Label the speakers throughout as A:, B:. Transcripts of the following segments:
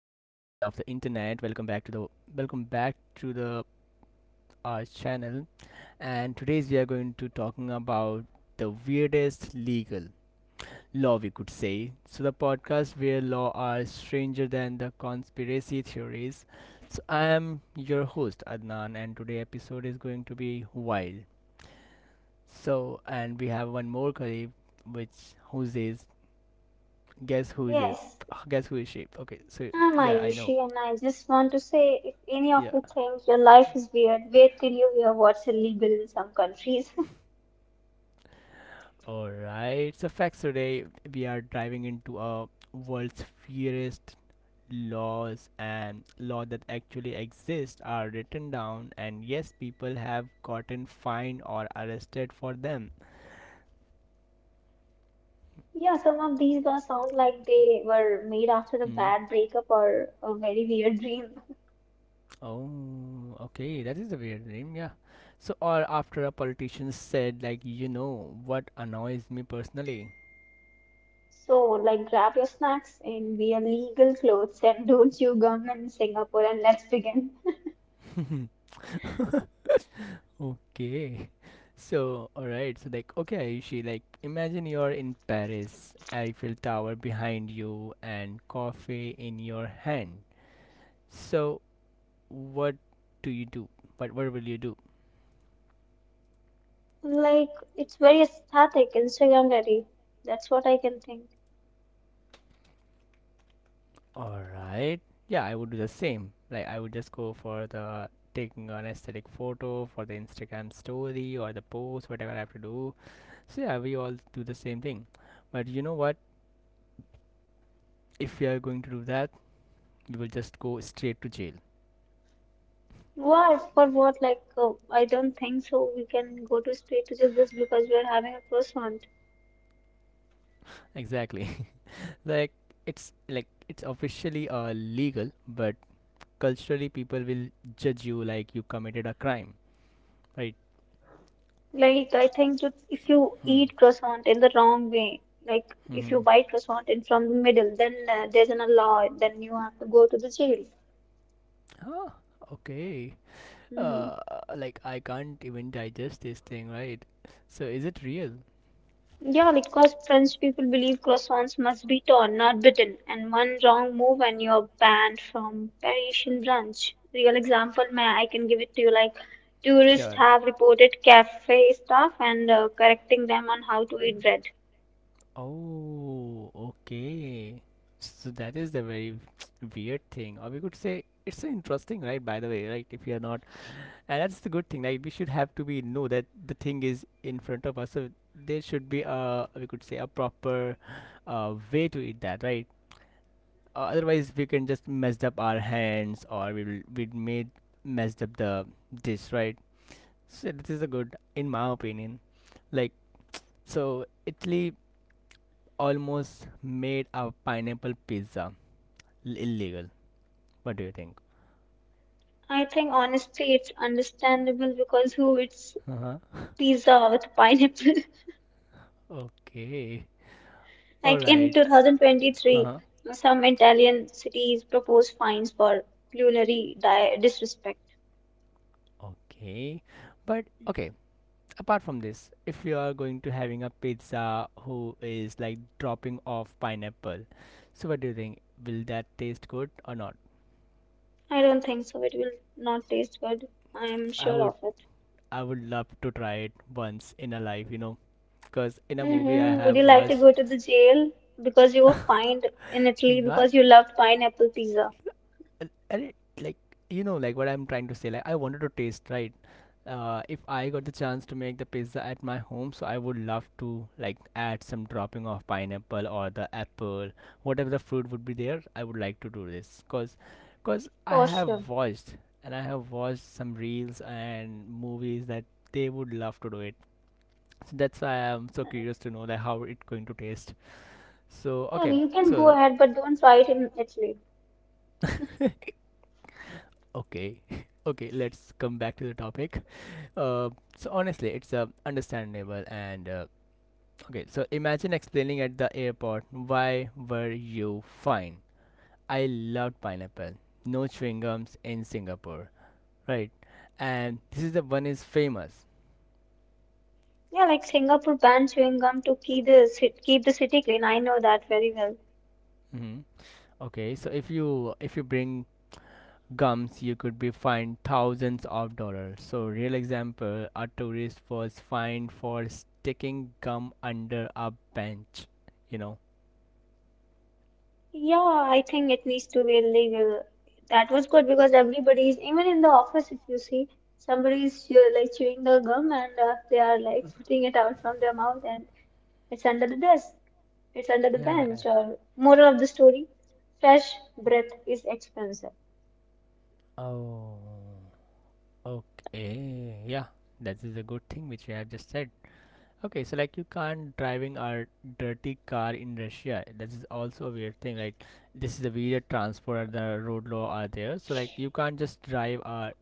A: internet. Welcome back to the our channel. And today's we are going to talking about the weirdest legal law we could say. So the podcast where law are stranger than the conspiracy theories. So I am your host Adnan, and today episode is going to be wild. So and we have one more colleague, which who is guess who is it?
B: Yes,
A: Guess who is she? Okay, so
B: I'm
A: yeah, I know.
B: Ayushi, and I just want to say if any of
A: Yeah.
B: you think your life is weird, wait till you hear what's illegal in some countries.
A: All right. So, facts today we are diving into a world's fiercest laws and law that actually exist are written down, and yes, people have gotten fined or arrested for them.
B: Yeah, some of these laws sound like they were made after a
A: Hmm.
B: bad breakup or a very weird dream.
A: Oh, okay, that is a weird name. Yeah. So or after a politician said, like, you know what annoys me personally.
B: So, grab your snacks and wear legal clothes and don't chew gum in Singapore, and let's begin.
A: Okay. So, alright. So, like, okay, Ayushi, like, imagine you're in Paris, Eiffel Tower behind you, and coffee in your hand. So, what do you do? What will you do?
B: Like, it's very aesthetic, Instagram ready. That's what I can think.
A: Alright. Yeah, I would do the same. Like, I would just go for the taking an aesthetic photo for the Instagram story or the post, whatever I have to do. So, yeah, we all do the same thing. But you know what? If we are going to do that, we will just go straight to jail.
B: What for what? I don't think so. We can go to straight to just this because we are having a croissant.
A: Exactly. like like it's officially legal, but culturally people will judge you like you committed a crime, right?
B: I think that if you
A: Hmm.
B: eat croissant in the wrong way, like if you
A: Mm-hmm.
B: bite croissant in from the middle, then there's an law, then you have to go to the jail.
A: Huh? Okay.
B: hmm
A: uh like, I can't even digest this thing, right? So is it real?
B: Yeah, because French people believe croissants must be torn, not bitten, and one wrong move and you're banned from Parisian brunch. Real example, man, I can give it to you. Like, tourists
A: Sure.
B: have reported cafe staff and correcting them on how to eat bread.
A: Oh, okay. So that is the very weird thing, or we could say it's so interesting, right? By the way, right? If you are not. And that's the good thing. Like, we should have to be know that the thing is in front of us. So there should be a, we could say, a proper way to eat that, right? Otherwise we can just mess up our hands, or we made messed up the dish, right? So this is a good, in my opinion. Like, so Italy almost made a pineapple pizza illegal. What do you think?
B: I think honestly, it's understandable because who eats
A: Uh-huh.
B: pizza with pineapple?
A: Okay. All
B: Like in
A: right.
B: 2023,
A: Uh-huh.
B: some Italian cities proposed fines for culinary di disrespect.
A: Okay. But okay, apart from this, if you are going to having a pizza who is like dropping off pineapple, so what do you think? Will that taste good or not?
B: I don't think so. It will not taste good. I am
A: i
B: sure
A: would
B: of it.
A: i would love to try it once in a life because in a movie I
B: Would you
A: have
B: like to
A: watched.
B: go to the jail because you were fined in Italy
A: Not.
B: because you loved pineapple pizza?
A: L- and it- like, like what I'm trying to say, like I wanted to taste, right? If I got the chance to make the pizza at my home, so I would love to, like, add some dropping of pineapple or the apple, whatever the fruit would be there, I would like to do this cause I
B: For sure.
A: have watched. And I have watched some reels and movies that they would love to do it. So that's why I'm so curious to know like how it going to taste. So
B: Yeah,
A: okay.
B: you can go
A: So
B: ahead, but don't try it in Italy.
A: okay okay, let's come back to the topic. uh, so honestly it's understandable. And okay, so imagine explaining at the airport why were you fine. I loved pineapple. No chewing gums in Singapore, right? And this is the one is famous.
B: Yeah, like Singapore banned chewing gum to keep keep the city clean. I know that very well.
A: Hmm. Okay, so if you bring gums, you could be fined thousands of dollars. So real example, a tourist was fined for sticking gum under a bench you know
B: Yeah, I think it needs to be illegal. That was good because everybody is even in the office. If you see somebody is like chewing the gum and they are like putting it out from their mouth and it's under the desk. It's under the
A: Yeah.
B: bench. Or moral of the story: fresh breath is expensive.
A: Oh. Okay. Yeah. That is a good thing which you have just said. Okay, so like you can't driving a dirty car in Russia. That is also a weird thing. Like this is a weird transport. The road law are there. So like you can't just drive a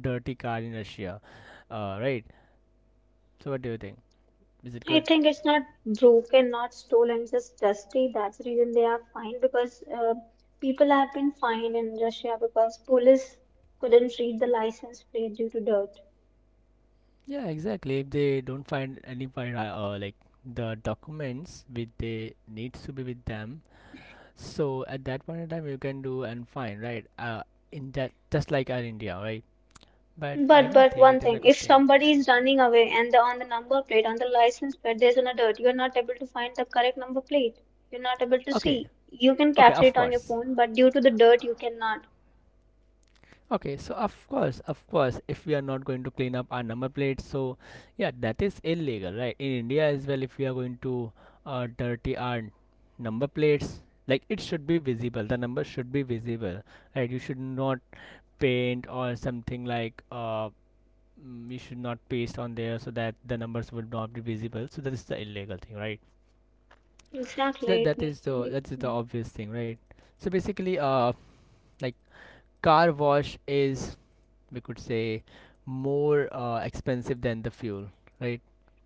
A: dirty car in Russia. Right. So what do you think? Is it
B: I
A: good?
B: think it's not broken, not stolen, just dusty. That's the reason they are fined because people have been fined in Russia because police couldn't read the license plate due to dirt.
A: Yeah, exactly. If they don't find any find like the documents which they needs to be with them. So at that point in time, you can do and fine, right? In that just like our India, right? But I
B: But
A: don't
B: but
A: think
B: one
A: it is a
B: thing, if
A: good thing.
B: somebody is running away and on the number plate, on the license plate, there's no dirt, you're not able to find the correct number plate. You're not able to
A: Okay,
B: see. You can
A: okay,
B: capture
A: of
B: it on your
A: course.
B: phone, but due to the dirt, you cannot.
A: Okay, so of course, if we are not going to clean up our number plates, so yeah, that is illegal, right? In India as well, if we are going to dirty our number plates, like it should be visible. The number should be visible, right? You should not paint or something like we should not paste on there so that the numbers would not be visible. So that is the illegal thing, right? So that
B: Exactly, it
A: that is
B: needs to
A: the
B: be.
A: that's the
B: Mhm.
A: obvious thing, right? So basically like, car wash is, we could say, more expensive than the fuel, right?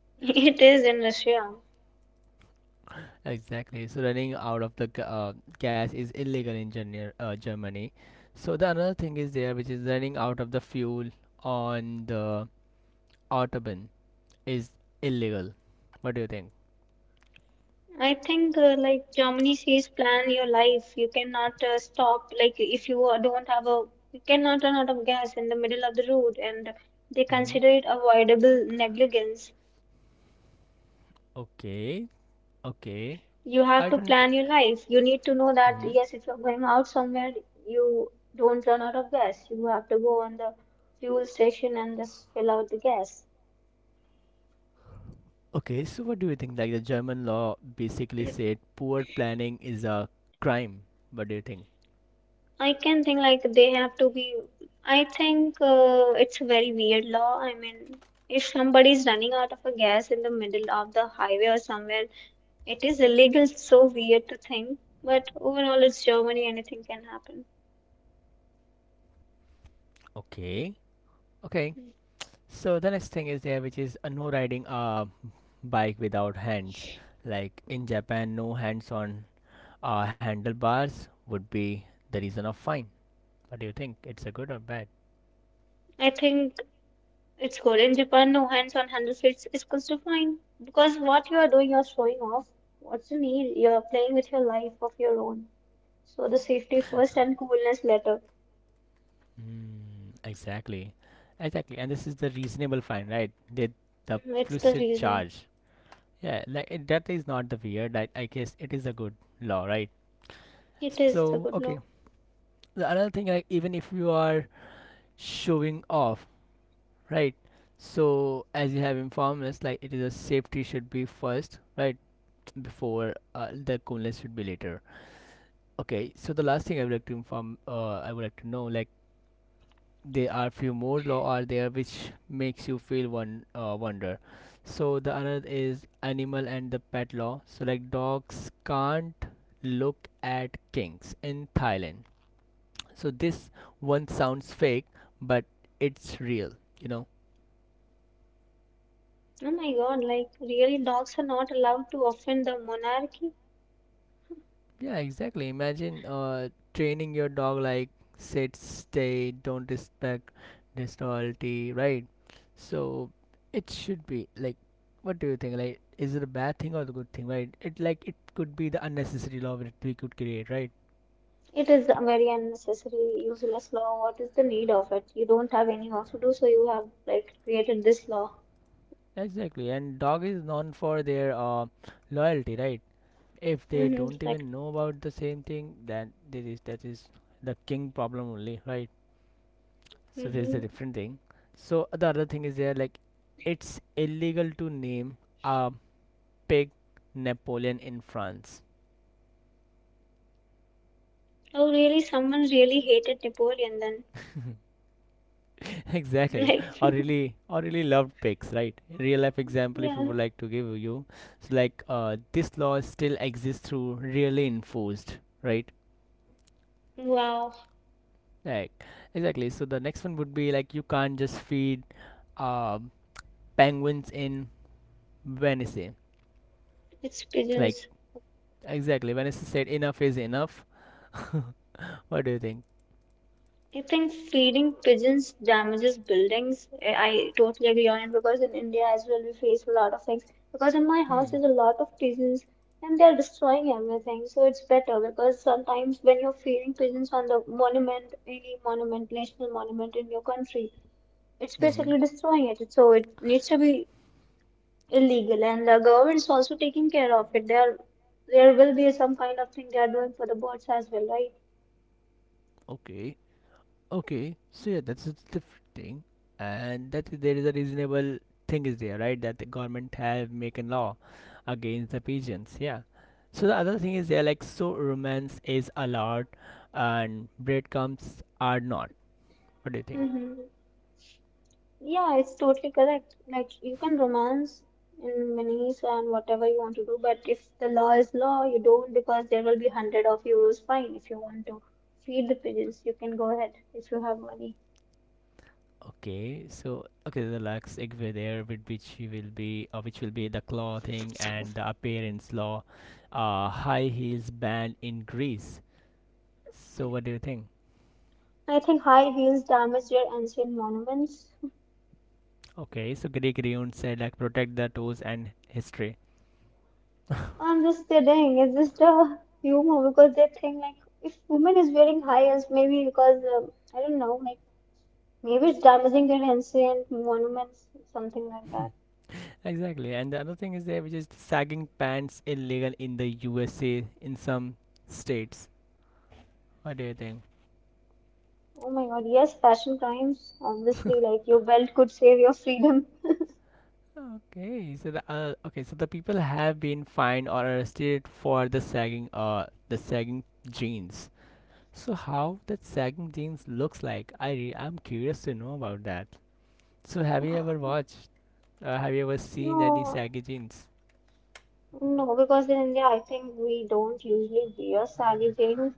B: It is in Russia.
A: Exactly. So running out of the gas is illegal in Germany. So the another thing is there, which is running out of the fuel on the autobahn is illegal. What do you think?
B: I think like Germany says, plan your life. You cannot stop. Like if you don't have a, you cannot run out of gas in the middle of the road, and they
A: Mm-hmm.
B: consider it avoidable negligence.
A: Okay. Okay.
B: You have
A: I
B: to
A: don't.
B: plan your life. You need to know that
A: Hmm.
B: yes, if you're going out somewhere, you don't run out of gas. You have to go on the fuel station and just fill out the gas.
A: Okay, so what do you think? Like the German law basically said poor planning is a crime. What do you think?
B: I can think like they have to be. I think it's a very weird law. I mean, if somebody is running out of a gas in the middle of the highway or somewhere, it is illegal. It's so weird to think. But overall, it's Germany. Anything can happen.
A: Okay. Okay, so the next thing is there, which is no riding a bike without hands. Like in Japan, no hands on handlebars would be the reason of fine. What do you think? It's a good or bad?
B: I think it's good. In Japan, no hands on handlebars is fine because what you are doing, you're showing off. What's the need? You're playing with your life of your own. So the safety first and coolness later.
A: Mm. Exactly, exactly. And this is the reasonable fine, right? The
B: Mm, it's the
A: implicit
B: reason.
A: charge. Yeah, like that is not the weird. I guess it is a good law, right?
B: It is
A: So
B: the good
A: okay,
B: law.
A: the another thing, like even if you are showing off, right? So as you have informed us, like it is a safety should be first, right? Before the coolness should be later. Okay, so the last thing I would like to know, like there are few more law are there which makes you feel one wonder. So the another is animal and the pet law. So like dogs can't look at kings in Thailand. So this one sounds fake, but it's real you know
B: Oh my God, like really dogs are not allowed to offend the monarchy?
A: Yeah, exactly. Imagine training your dog like sit, stay, don't respect disloyalty, right? So it should be like, what do you think? Like, is it a bad thing or the good thing, right? It could be the unnecessary law that we could create, right?
B: It is a very unnecessary, useless law. What is the need of it? You don't have any work to do, so you have like created this law.
A: Exactly. And dog is known for their loyalty, right? If they
B: Mm-hmm,
A: don't
B: like,
A: even know about the same thing, then this is that is the king problem only, right? So there's
B: mm-hmm.
A: a different thing. So the other thing is there, like, it's illegal to name a pig Napoleon in France.
B: Oh, really? Someone really hated Napoleon then.
A: Exactly.
B: Like,
A: Or really loved pigs, right? Real life example, if you
B: yeah.
A: would like to give you. So like this law still exists through really enforced, right?
B: Wow,
A: Like exactly, so the next one would be like, you can't just feed uh, penguins in Venice.
B: it's
A: Like
B: pigeons.
A: exactly, Venice said enough is enough. What do you think?
B: I think feeding pigeons damages buildings. I totally agree on it because in India as well we face a lot of things. Because in my house
A: Hmm.
B: there's a lot of pigeons and they're destroying everything. So it's better because sometimes when you're feeding pigeons on the monument, any monument, national monument in your country, it's
A: Mm-hmm.
B: basically destroying it. So it needs to be illegal and the government's also taking care of it. There will be some kind of thing they are doing for the birds as well, right?
A: Okay. Okay. So yeah, that's a different thing, and that there is a reasonable thing is there, right? That the government have make a law against the pigeons. Yeah. So the other thing is there, like, so romance is allowed, and breadcrumbs are not. What do you think?
B: Mm-hmm. Yeah, it's totally correct. Like you can romance in minis and whatever you want to do, but if the law is law, you don't because there will be hundred of euros fine. If you want to feed the pigeons, you can go ahead if you have money.
A: Okay. So okay, the last segue there, with which will be the clothing and the appearance law, high heels banned in Greece. So what do you think?
B: I think high heels damage your ancient monuments.
A: Okay, so Greek runes said like protect the toes and history.
B: I'm just kidding. It's just a humor because they think like if woman is wearing high heels, maybe because I don't know, like maybe it's damaging their ancient monuments, something like that.
A: Exactly. And the other thing is there, which is sagging pants illegal in the USA in some states. What do you think?
B: Oh my God, yes, passion crimes. Obviously, like your belt could save your freedom.
A: Okay, so the people have been fined or arrested for the sagging jeans. So how that sagging jeans looks like? I'm curious to know about that. So have you ever watched? Have you ever seen any
B: No,
A: saggy jeans?
B: no, because in India, I think we don't usually wear sari jeans.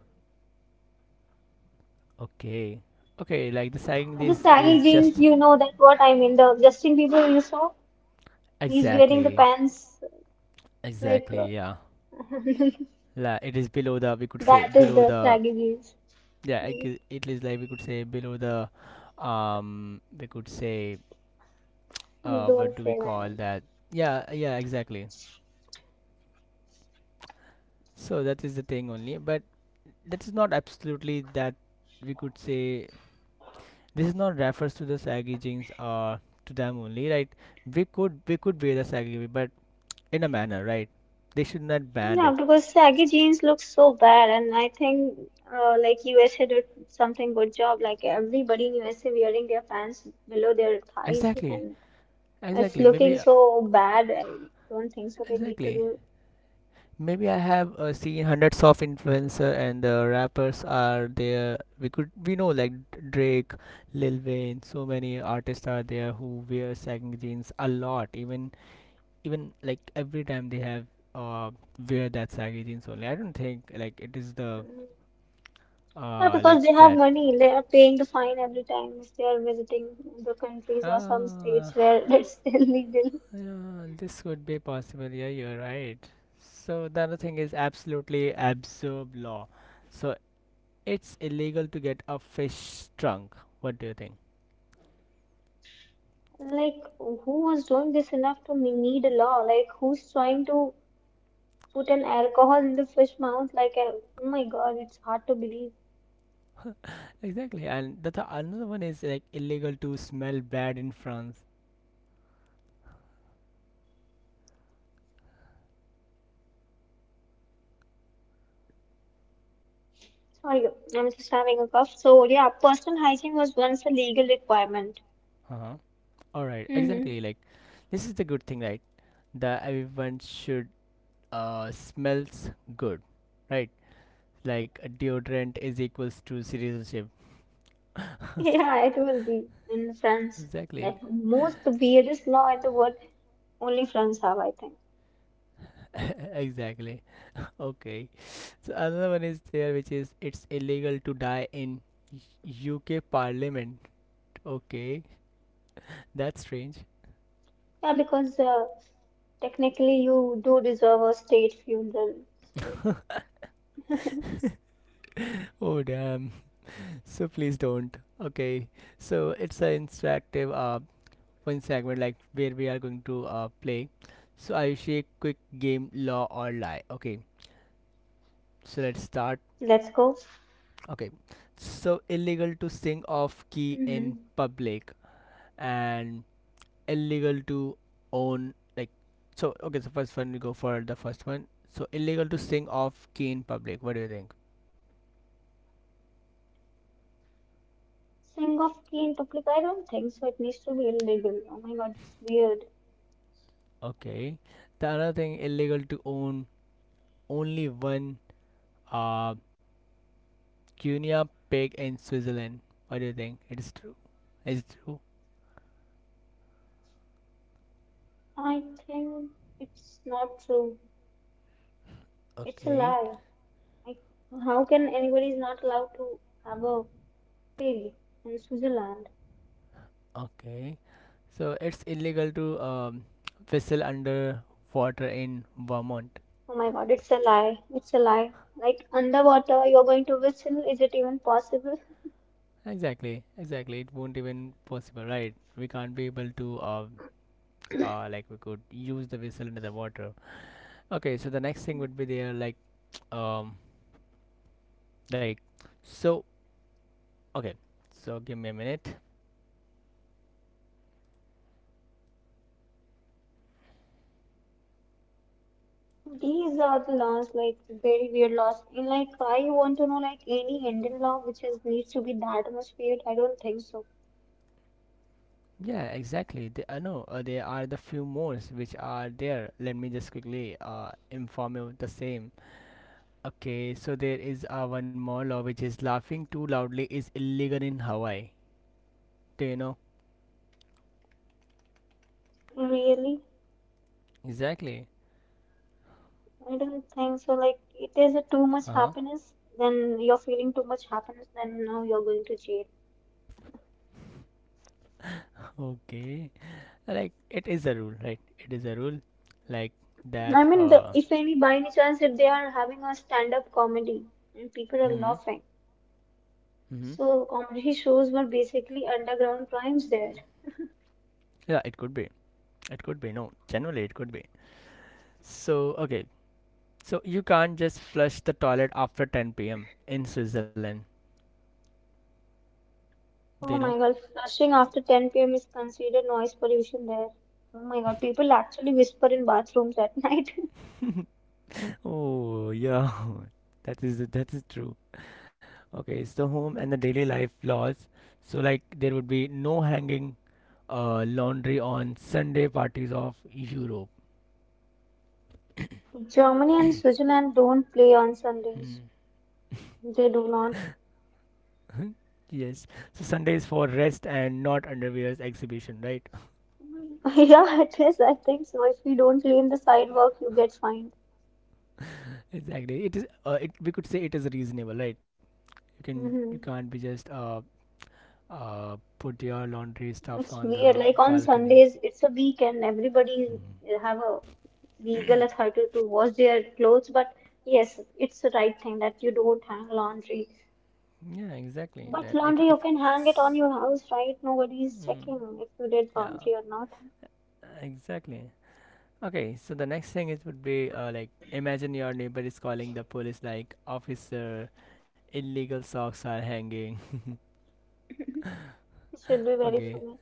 A: Okay, okay, like the sagging
B: The
A: jeans
B: sari
A: is
B: jeans,
A: just.
B: you know that what I mean. The Justin Bieber you saw, he's wearing the
A: Exactly,
B: pants like uh,
A: exactly, yeah.
B: that
A: Like it is below the, we could say,
B: is
A: below
B: the
A: the.
B: sari jeans.
A: Yeah,
B: Mm,
A: it is like, we could say, below the we could say
B: don't
A: what do we
B: say
A: call
B: that.
A: that? Yeah, yeah, exactly. So that is the thing only, but that is not absolutely that, we could say, this is not refers to the saggy jeans or to them only, right? We could wear the saggy, jeans, but in a manner, right? They should not ban
B: Yeah,
A: it.
B: because saggy jeans look so bad, and I think like USA did something good job. Like everybody in USA wearing their pants below their thighs,
A: Exactly,
B: and it's
A: exactly.
B: looking
A: Maybe
B: so bad. I don't think so. They need to
A: exactly.
B: do.
A: Maybe I have seen hundreds of influencer and the rappers are there. We know like Drake, Lil Wayne, so many artists are there who wear saggy jeans a lot. Even like every time they have uh wear that saggy jeans only. I don't think like it is
B: uh,
A: the
B: Yeah,
A: like
B: because they have
A: that.
B: money. They are paying the fine every time if they are visiting the countries or some states
A: Ah,
B: where it's illegal.
A: yeah, this could be possible. Yeah, you're right. So the other thing is absolutely absurd law. So it's illegal to get a fish drunk. What do you think?
B: Like, who was doing this enough to need a law? Like, who's trying to put an alcohol in the fish mouth like a, oh my god, it's hard to believe.
A: Exactly, and the another one is like illegal to smell bad in France.
B: Sorry, I'm just having a cough. So yeah, personal hygiene was once a legal requirement.
A: Uh-huh. All right,
B: hmm
A: exactly. Like this is the good thing, right? That everyone should smells good, right? Like a deodorant is equals to citizenship.
B: yeah, it will be in France,
A: exactly,
B: like most the weirdest law in the world only France have, I think.
A: exactly. Okay, so another one is there, which is it's illegal to die in UK Parliament. Okay, that's strange.
B: Yeah, because technically you do deserve a state funeral, so
A: Oh damn. So please don't. Okay. So it's an interactive one segment like where we are going to play. So I will share quick game law or lie. Okay. So let's start.
B: let's go.
A: Okay. So illegal to sing off key in
B: hmm
A: public and illegal to own like so first one we go for the first one. So illegal to sing off key in public. What do you think?
B: Sing of key in public, I don't think so it needs to be illegal. Oh my god, it's weird.
A: Okay. The other thing illegal to own only one uh Guinea pig in Switzerland. What do you think? It's true. It's true.
B: I think it's not true. It's a
A: Okay.
B: lie. Like, how can anybody is not allowed to have a pig in Switzerland?
A: Okay. So it's illegal to whistle under water in Vermont.
B: Oh my God, it's a lie. It's a lie. Like underwater, you're going to whistle. Is it even possible?
A: Exactly. Exactly. It won't even possible, right? We can't be able to like we could use the whistle under the water. Okay. So the next thing would be there um like so okay. So give me a minute.
B: These are the laws, like very weird laws. And like, why you want to know like any Indian law which is needs to be that much weird? I don't think so.
A: Yeah, exactly. I know there are the few more which are there. Let me just quickly inform you the same. Okay, so there is one more law which is laughing too loudly is illegal in Hawaii. Do you know?
B: Really?
A: Exactly.
B: I don't think so. Like, if there's a too much
A: Huh?
B: happiness, then you're feeling too much happiness, then now you're going to jail.
A: Okay. Like it is a rule, right? It is a rule, like that.
B: I mean, the, if any by any chance, if they are having a stand-up comedy and people are
A: Hmm.
B: laughing,
A: Hmm.
B: so comedy shows were basically underground crimes there.
A: Yeah, it could be. It could be. No, generally it could be. So okay. So you can't just flush the toilet after 10 p.m. in Switzerland. Do you
B: Oh
A: know?
B: my God, flushing after 10 p.m. is considered noise pollution there. Oh my God, people actually whisper in bathrooms at night.
A: oh yeah that is true. Okay, it's the home and the daily life laws. So like there would be no hanging laundry on Sunday parties of Europe.
B: Germany and Switzerland don't play on Sundays. They do not.
A: yes. So Sunday is for rest and not underwear's exhibition, right?
B: Yeah, it is. I think so. If you don't clean the sidewalk, you get fined.
A: exactly, it is it we could say it is reasonable, right? You
B: hmm
A: can't be just put your laundry stuffs
B: It's
A: on the
B: weird. Like on
A: balcony.
B: Sundays, it's a weekend. Everybody
A: Mhm.
B: have a legal authority to wash their clothes, but yes, it's the right thing that you don't hang laundry.
A: yeah exactly that
B: But
A: it if
B: laundry, you can hang it on your house, right? Nobody is
A: Mm,
B: checking if you did
A: yeah,
B: laundry or not.
A: exactly. Okay, so the next thing it would be like imagine your neighbor is calling the police like officer, illegal socks are hanging.
B: It should be very
A: okay,
B: funny.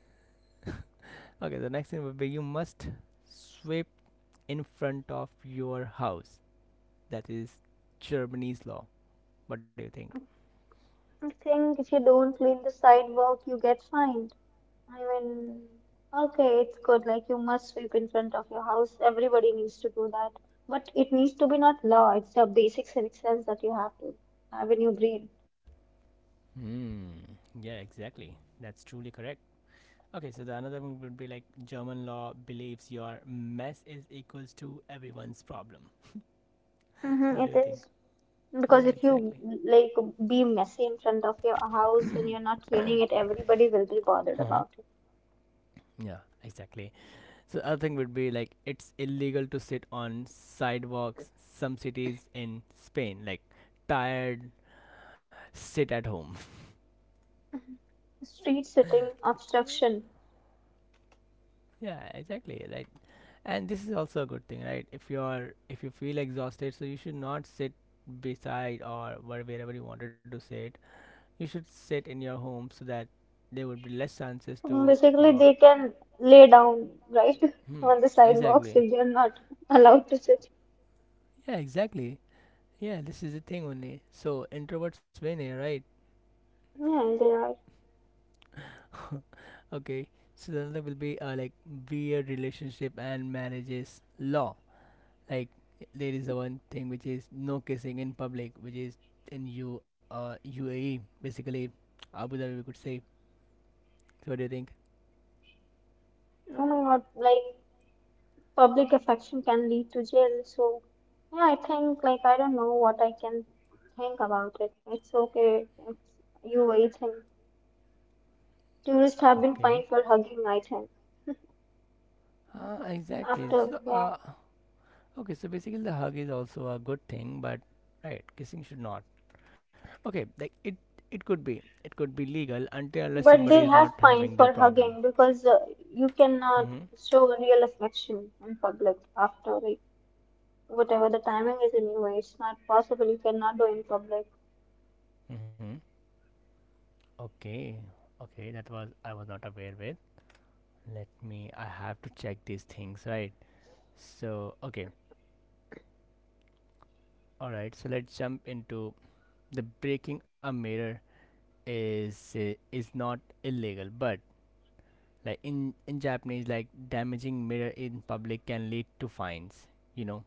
A: okay. The next thing would be you must sweep in front of your house. That is Germany's law. What do you think?
B: I think if you don't clean the sidewalk, you get fined. I mean, okay, it's good. Like you must sweep in front of your house. Everybody needs to do that. But it needs to be not law. It's a basic civic sense that you have to have in your brain.
A: Hmm. Yeah, exactly. That's truly correct. Okay, so the another one would be like German law believes your mess is equals to everyone's problem.
B: Mm-hmm,
A: What do
B: it
A: you think?
B: is.
A: Yeah,
B: Because if you
A: exactly.
B: like be messy in front of your house and you're not cleaning it, everybody will be bothered
A: uh-huh.
B: about it.
A: Yeah, exactly. So other thing would be like it's illegal to sit on sidewalks. Some cities in Spain, like tired, sit at home.
B: Street sitting, obstruction.
A: yeah, exactly. Right. And this is also a good thing, right? If you feel exhausted, so you should not sit beside or wherever you wanted to sit. You should sit in your home so that there would be less chances
B: So
A: to.
B: basically, they can lay down, right,
A: Hmm.
B: on the sidewalks
A: Exactly.
B: if they're not allowed to sit.
A: Yeah, exactly. Yeah, this is the thing only. So introverts win here, right?
B: Yeah, they are.
A: Okay. So then there will be like weird relationship and marriages law. Like there is the one thing which is no kissing in public, which is in U UAE, basically Abu Dhabi we could say. So what do you think?
B: Oh my God, like public affection can lead to jail. So yeah, I think like I don't know what I can think about it. It's okay. It's UAE thing. Tourists have been
A: Okay.
B: fined for hugging, I think.
A: Exactly.
B: After yeah,
A: Okay. So basically the hug is also a good thing, but right, kissing should not. Okay, like it could be it could be legal until unless
B: but
A: somebody
B: they
A: is not
B: have
A: having
B: fined
A: their
B: for
A: problem.
B: hugging because you cannot
A: Mm-hmm.
B: show real affection in public after like whatever the timing is anyway, it's not possible. You cannot do in public.
A: Mm-hmm. Okay. Okay, that was I was not aware with. Let me I have to check these things, right? So, okay. All right. So, let's jump into the breaking a mirror is not illegal, but like in Japanese like damaging mirror in public can lead to fines, you know.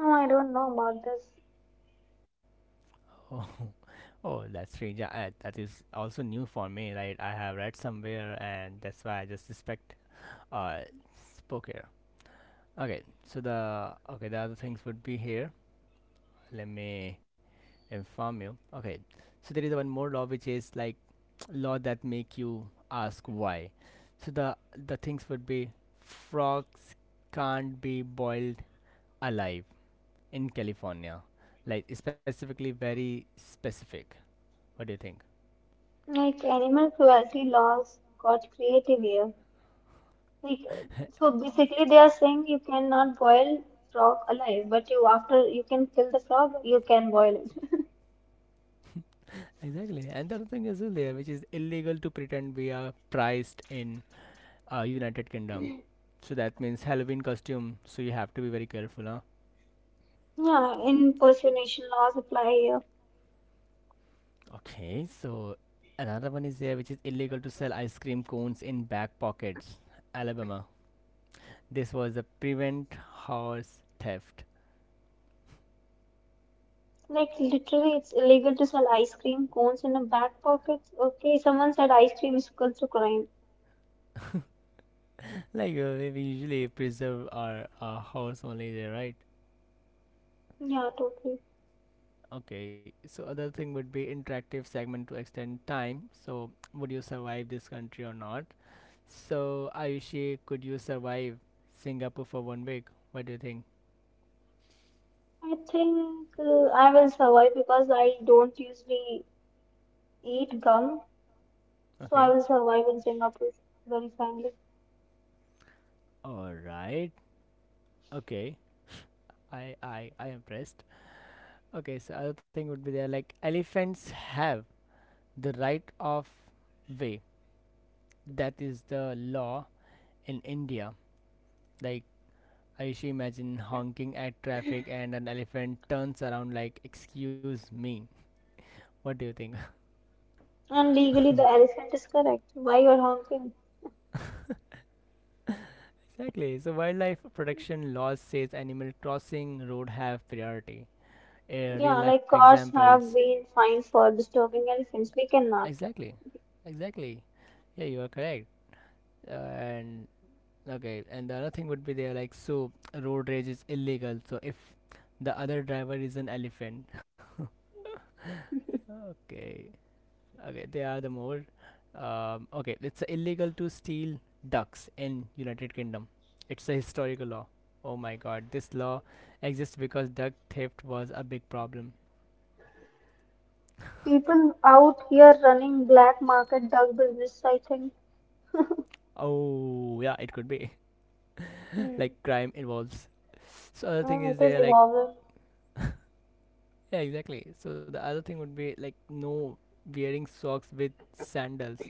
B: No, I don't know about this.
A: Oh, oh that's strange. Yeah, that is also new for me, right? I have read somewhere and that's why I just suspect uh spoke. Okay, so the other things would be here. Let me inform you. Okay, so there is one more law which is like law that make you ask why. So the things would be frogs can't be boiled alive in California, like specifically very specific. What do you think?
B: Like animal cruelty laws got creative here. Like so basically they are saying you cannot boil frog alive, but you after you can kill the frog, you can boil it.
A: Exactly, and the other thing is there, which is illegal to pretend we are priced in United Kingdom. So that means Halloween costume. So you have to be very careful, huh?
B: Yeah, impersonation laws apply here.
A: Okay, so another one is there, which is illegal to sell ice cream cones in back pockets, Alabama. This was a prevent horse theft.
B: Like literally, it's illegal to sell ice cream cones in a back pocket. Okay, someone said ice cream is equal to crime.
A: Like we usually preserve our horse only there, right?
B: Yeah, totally.
A: Okay. So other thing would be interactive segment to extend time. So would you survive this country or not? So Ayushi, could you survive Singapore for 1 week? What do you think?
B: I think I will survive because I don't usually eat gum, so I
A: Okay.
B: will survive in Singapore very finely.
A: All right. Okay. I am impressed. Okay, so other thing would be there like elephants have the right of way. That is the law in India. Like I used to imagine honking at traffic and an elephant turns around like excuse me. What do you think?
B: And legally, the elephant is correct. Why you're honking?
A: exactly. So wildlife protection laws says animal crossing road have priority. Real
B: Yeah,
A: life
B: like cars
A: examples.
B: have been fined for disturbing elephants. We cannot.
A: Exactly. Exactly. Yeah, you are correct. And okay, and the other thing would be there like so road rage is illegal. So if the other driver is an elephant, okay, okay, they are the more. Okay, it's illegal to steal ducks in United Kingdom. It's a historical law. Oh my God, this law exists because duck theft was a big problem.
B: People out here running black market dog business, I think.
A: Oh yeah, it could be. like
B: Hmm.
A: crime involves. So other thing
B: Oh,
A: is
B: it is
A: there like
B: evolving.
A: yeah exactly. So the other thing would be like no wearing socks with sandals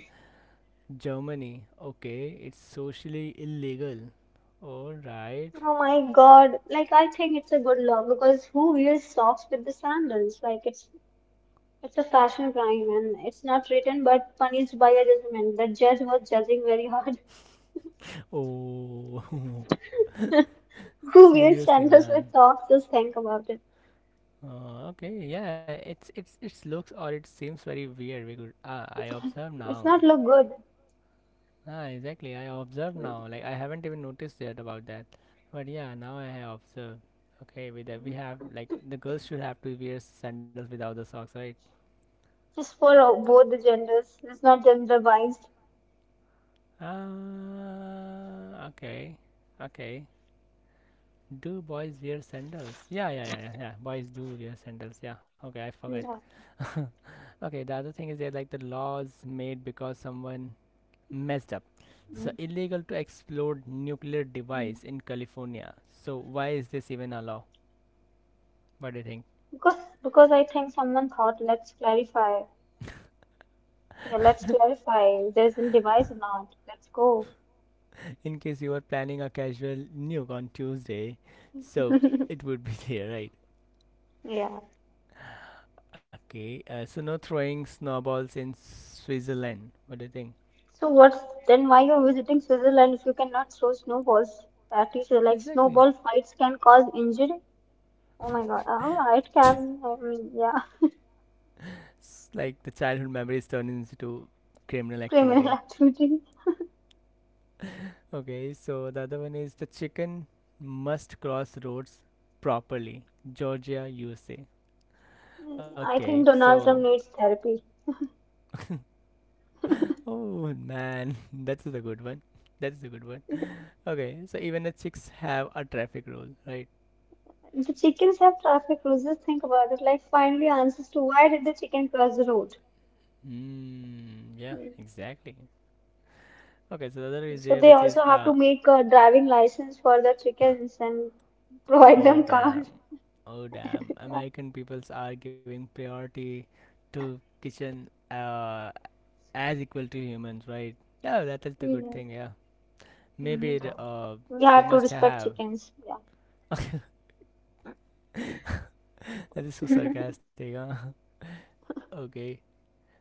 A: Germany. Okay, it's socially illegal. Alright.
B: Oh my God. Like, I think it's a good law because who wears socks with the sandals? Like, it's a fashion crime and it's not written but punished by a judgment. The judge was judging very hard.
A: Oh,
B: Who wears
A: seriously,
B: sandals with
A: man.
B: socks? Just think about it.
A: Okay, yeah, it's it looks or it seems very weird. We could ah, I observe
B: It's
A: now.
B: not look good.
A: Ah, exactly. I observe
B: Mm.
A: now. Like I haven't even noticed yet about that, but yeah, now I have observed. Okay, with that we have like the girls should have to wear sandals without the socks, right?
B: Just for both the genders. It's not gender biased.
A: Ah, okay, okay. Do boys wear sandals? Yeah, yeah, yeah, yeah, yeah. Boys do wear sandals. Yeah. Okay, I forgot.
B: No.
A: okay, the other thing is there like the laws made because someone messed up. So illegal to explode nuclear device in California. So why is this even a law? What do you think?
B: Because because I think someone thought let's clarify. Yeah, let's clarify. There's a device or not. Let's go.
A: In case you are planning a casual nuke on Tuesday, so it would be there, right?
B: Yeah.
A: Okay. So no throwing snowballs in Switzerland. What do you think?
B: So what's then why you're visiting Switzerland if you cannot throw snowballs? That teacher like
A: Exactly.
B: snowball fights can cause injury. Oh my God. Oh, yeah, it can. I mean, yeah.
A: It's like the childhood memories turn into criminal
B: Criminal
A: activity.
B: activity.
A: okay, so the other one is the chicken must cross roads properly. Georgia, USA.
B: I
A: Okay,
B: think Donald
A: so.
B: Trump needs therapy.
A: oh man, that's a good one. That's a good one. Okay, so even the chicks have a traffic rule, right?
B: The chickens have traffic rules. Just think about it. Like, finally, answers to why did the chicken cross the road?
A: Mm, yeah,
B: Mm.
A: exactly. Okay, so the other is
B: So
A: there,
B: they
A: which
B: also
A: is
B: have to make a driving license for the chickens and provide
A: oh
B: them cars.
A: damn. Oh damn. American peoples are giving priority to kitchen as equal to humans, right? No, that is the good
B: Mhm.
A: thing, yeah. Maybe
B: Mhm. We
A: they
B: have to
A: must
B: respect
A: have.
B: chickens. Yeah.
A: that is so sarcastic, huh? okay.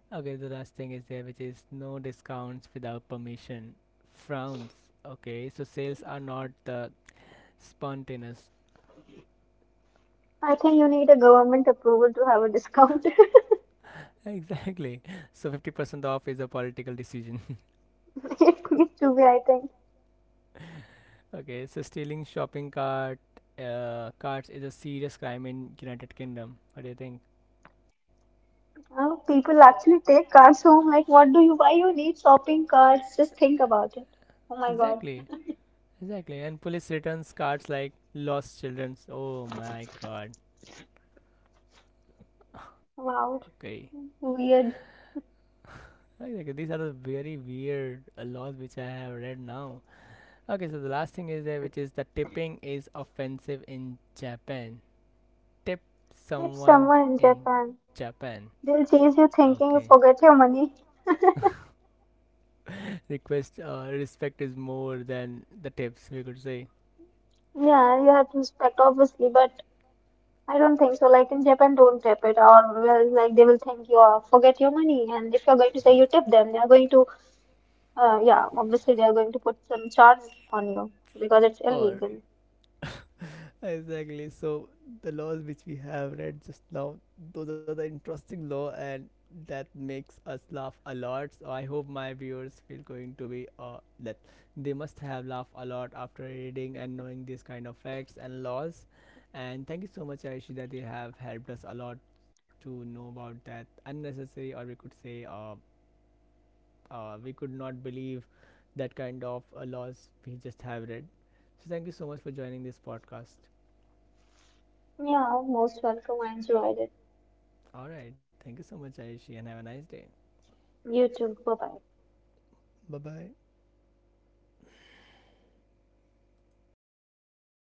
A: Okay, the last thing is there, which is no discounts without permission. Frowns. Okay, so sales are not the spontaneous.
B: I think you need a government approval to have a discount.
A: Exactly. So 50% off is a political decision.
B: It needs to be, I think.
A: Okay, so stealing shopping cart carts is a serious crime in United Kingdom. What do you think?
B: Now people actually take cards home. Like, what do you, why you need shopping carts? Just think about it. Oh my God.
A: Exactly, exactly. And police returns carts like lost childrens. Oh my god.
B: Wow.
A: Okay.
B: Weird.
A: Exactly. These are the very weird laws which I have read now. Okay, so the last thing is there, which is the tipping is offensive in Japan. Tip
B: Tip
A: someone
B: someone in
A: in
B: Japan.
A: Japan.
B: They'll chase you thinking you
A: Okay.
B: forget your money.
A: Request respect is more than the tips, we could say.
B: Yeah, you have to respect obviously, but I don't think so. Like in Japan, don't tip it, or well, like they will think you are forget your money. And if you're going to say you tip them, they are going to, yeah, obviously they are going to put some charge on you because it's
A: Or
B: illegal.
A: exactly, so the laws which we have read just now, those are the interesting law and that makes us laugh a lot. So I hope my viewers feel going to be that they must have laughed a lot after reading and knowing these kind of facts and laws. And thank you so much, Aishi, that you have helped us a lot to know about that unnecessary, or we could say we could not believe that kind of laws we just have read. So thank you so much for joining this podcast.
B: Yeah, most welcome. I enjoyed it.
A: All right. Thank you so much, Aishi, and have a nice day.
B: You too. Bye bye.
A: Bye bye.